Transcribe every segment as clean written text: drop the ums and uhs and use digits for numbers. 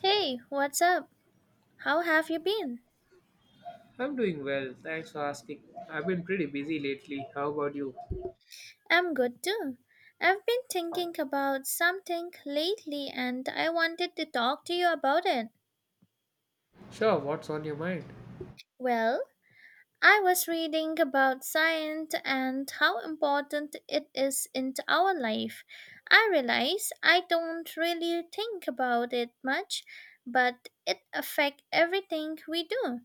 Hey, what's up? How have you been? I'm doing well, thanks for asking. I've been pretty busy lately. How about you? I'm good too. I've been thinking about something lately and I wanted to talk to you about it. Sure, what's on your mind? Well, I was reading about science and how important it is in our life. I realize I don't really think about it much, but it affects everything we do.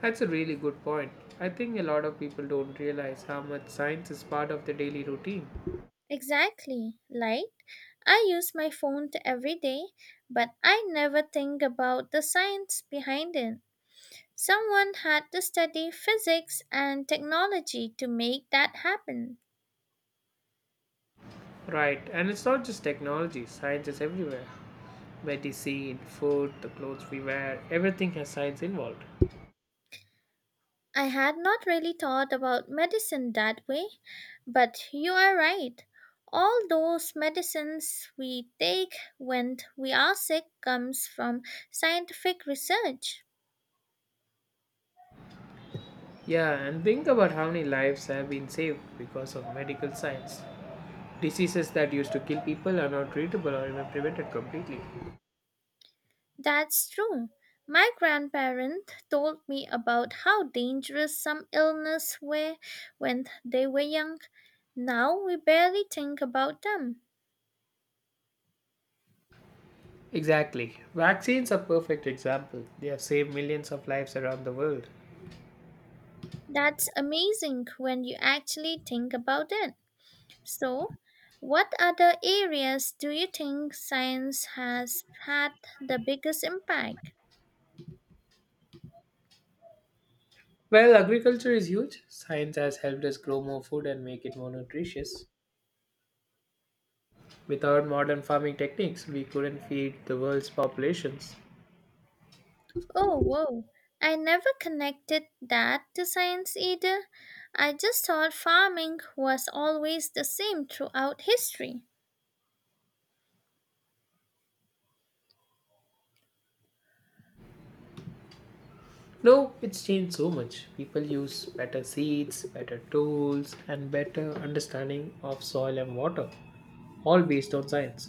That's a really good point. I think a lot of people don't realize how much science is part of their daily routine. Exactly. Like, I use my phone every day, but I never think about the science behind it. Someone had to study physics and technology to make that happen. Right, and it's not just technology, science is everywhere. Medicine, food, the clothes we wear, everything has science involved. I had not really thought about medicine that way, but you are right. All those medicines we take when we are sick comes from scientific research. Yeah, and think about how many lives have been saved because of medical science. Diseases that used to kill people are now treatable or even prevented completely. That's true. My grandparents told me about how dangerous some illnesses were when they were young. Now we barely think about them. Exactly. Vaccines are perfect example. They have saved millions of lives around the world. That's amazing when you actually think about it. So, what other areas do you think science has had the biggest impact? Well, agriculture is huge. Science has helped us grow more food and make it more nutritious. Without modern farming techniques, we couldn't feed the world's populations. Oh, whoa. I never connected that to science either. I just thought farming was always the same throughout history. No, it's changed so much. People use better seeds, better tools, and better understanding of soil and water, all based on science.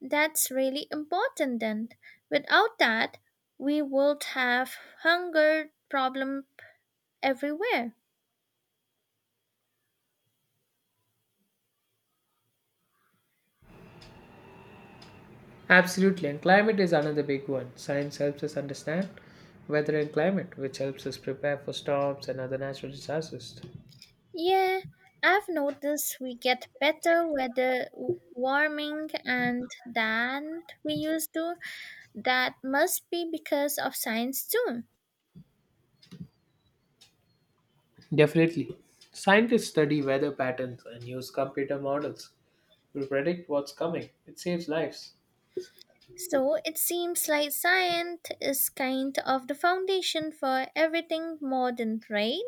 That's really important then. Without that, we would have hunger problem everywhere. Absolutely, and climate is another big one. Science helps us understand weather and climate, which helps us prepare for storms and other natural disasters. Yeah, I've noticed we get better weather warming and than we used to. That must be because of science too. Definitely. Scientists study weather patterns and use computer models to predict what's coming. It saves lives. So it seems like science is kind of the foundation for everything modern, right?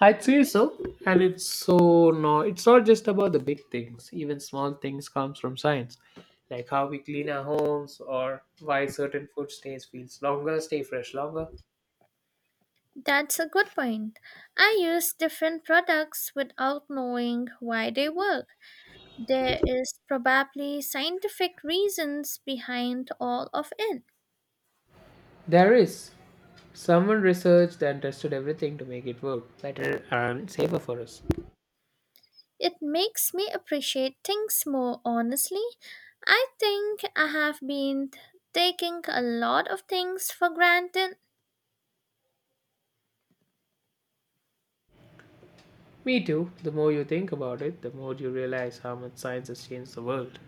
I'd say so. And it's it's not just about the big things. Even small things comes from science. Like how we clean our homes or why certain food stay fresh longer. That's a good point. I use different products without knowing why they work. There is probably scientific reasons behind all of it. There is. Someone researched and tested everything to make it work better and safer for us. It makes me appreciate things more honestly. I think I have been taking a lot of things for granted. Me too. The more you think about it, the more you realize how much science has changed the world.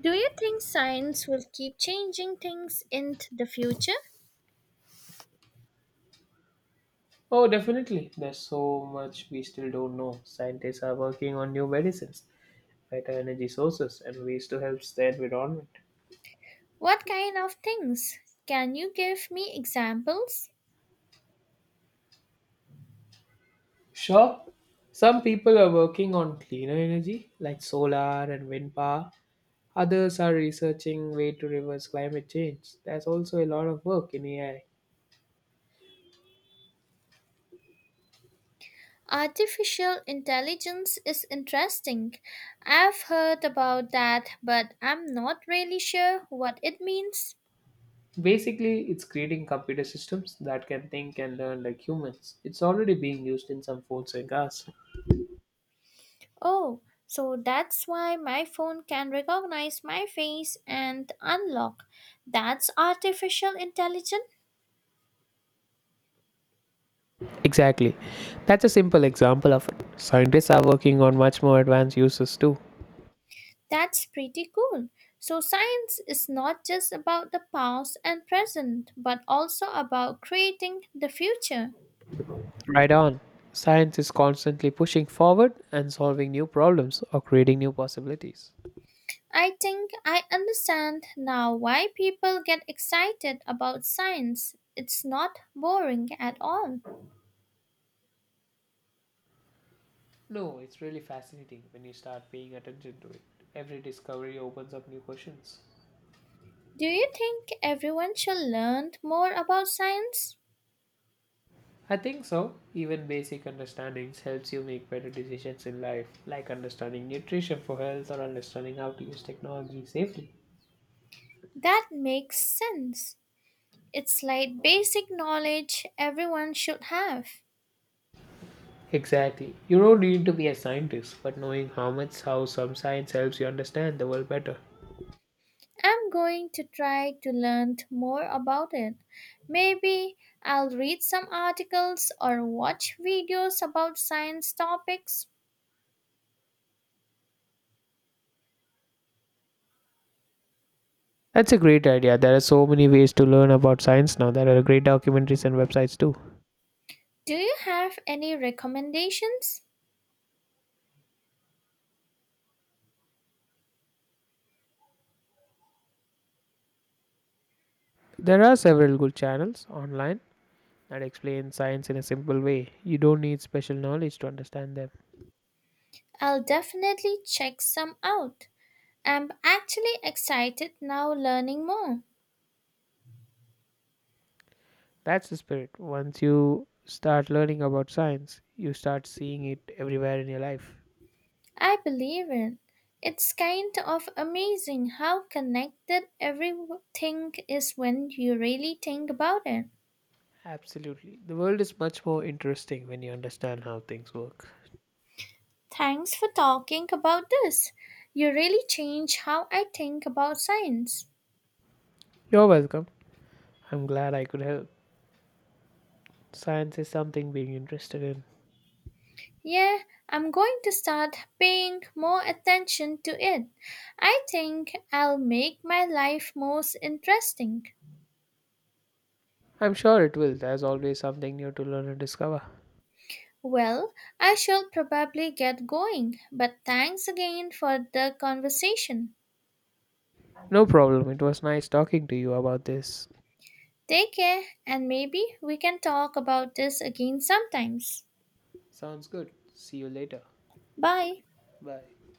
Do you think science will keep changing things in the future? Oh, definitely. There's so much we still don't know. Scientists are working on new medicines, better energy sources, and ways to help the environment. What kind of things? Can you give me examples? Sure, some people are working on cleaner energy like solar and wind power. Others are researching way to reverse climate change. There's also a lot of work in AI. Artificial intelligence is interesting. I've heard about that, but I'm not really sure what it means. Basically, it's creating computer systems that can think and learn like humans. It's already being used in some phones and cars. Oh, so that's why my phone can recognize my face and unlock. That's artificial intelligence? Exactly. That's a simple example of it. Scientists are working on much more advanced uses too. That's pretty cool. So, science is not just about the past and present, but also about creating the future. Right on. Science is constantly pushing forward and solving new problems or creating new possibilities. I think I understand now why people get excited about science. It's not boring at all. No, it's really fascinating when you start paying attention to it. Every discovery opens up new questions. Do you think everyone should learn more about science? I think so. Even basic understandings helps you make better decisions in life, like understanding nutrition for health or understanding how to use technology safely. That makes sense. It's like basic knowledge everyone should have. Exactly. You don't need to be a scientist, but knowing how some science helps you understand the world better. I'm going to try to learn more about it. Maybe I'll read some articles or watch videos about science topics. That's a great idea. There are so many ways to learn about science now. There are great documentaries and websites too. Do you have any recommendations? There are several good channels online that explain science in a simple way. You don't need special knowledge to understand them. I'll definitely check some out. I'm actually excited now learning more. That's the spirit. Once you start learning about science, you start seeing it everywhere in your life. I believe it. It's kind of amazing how connected everything is when you really think about it. Absolutely. The world is much more interesting when you understand how things work. Thanks for talking about this. You really changed how I think about science. You're welcome. I'm glad I could help. Science is something being interested in. Yeah, I'm going to start paying more attention to it. I think I'll make my life more interesting. I'm sure it will. There's always something new to learn and discover. Well, I shall probably get going, but thanks again for the conversation. No problem. It was nice talking to you about this. Take care, and maybe we can talk about this again sometimes. Sounds good. See you later. Bye. Bye.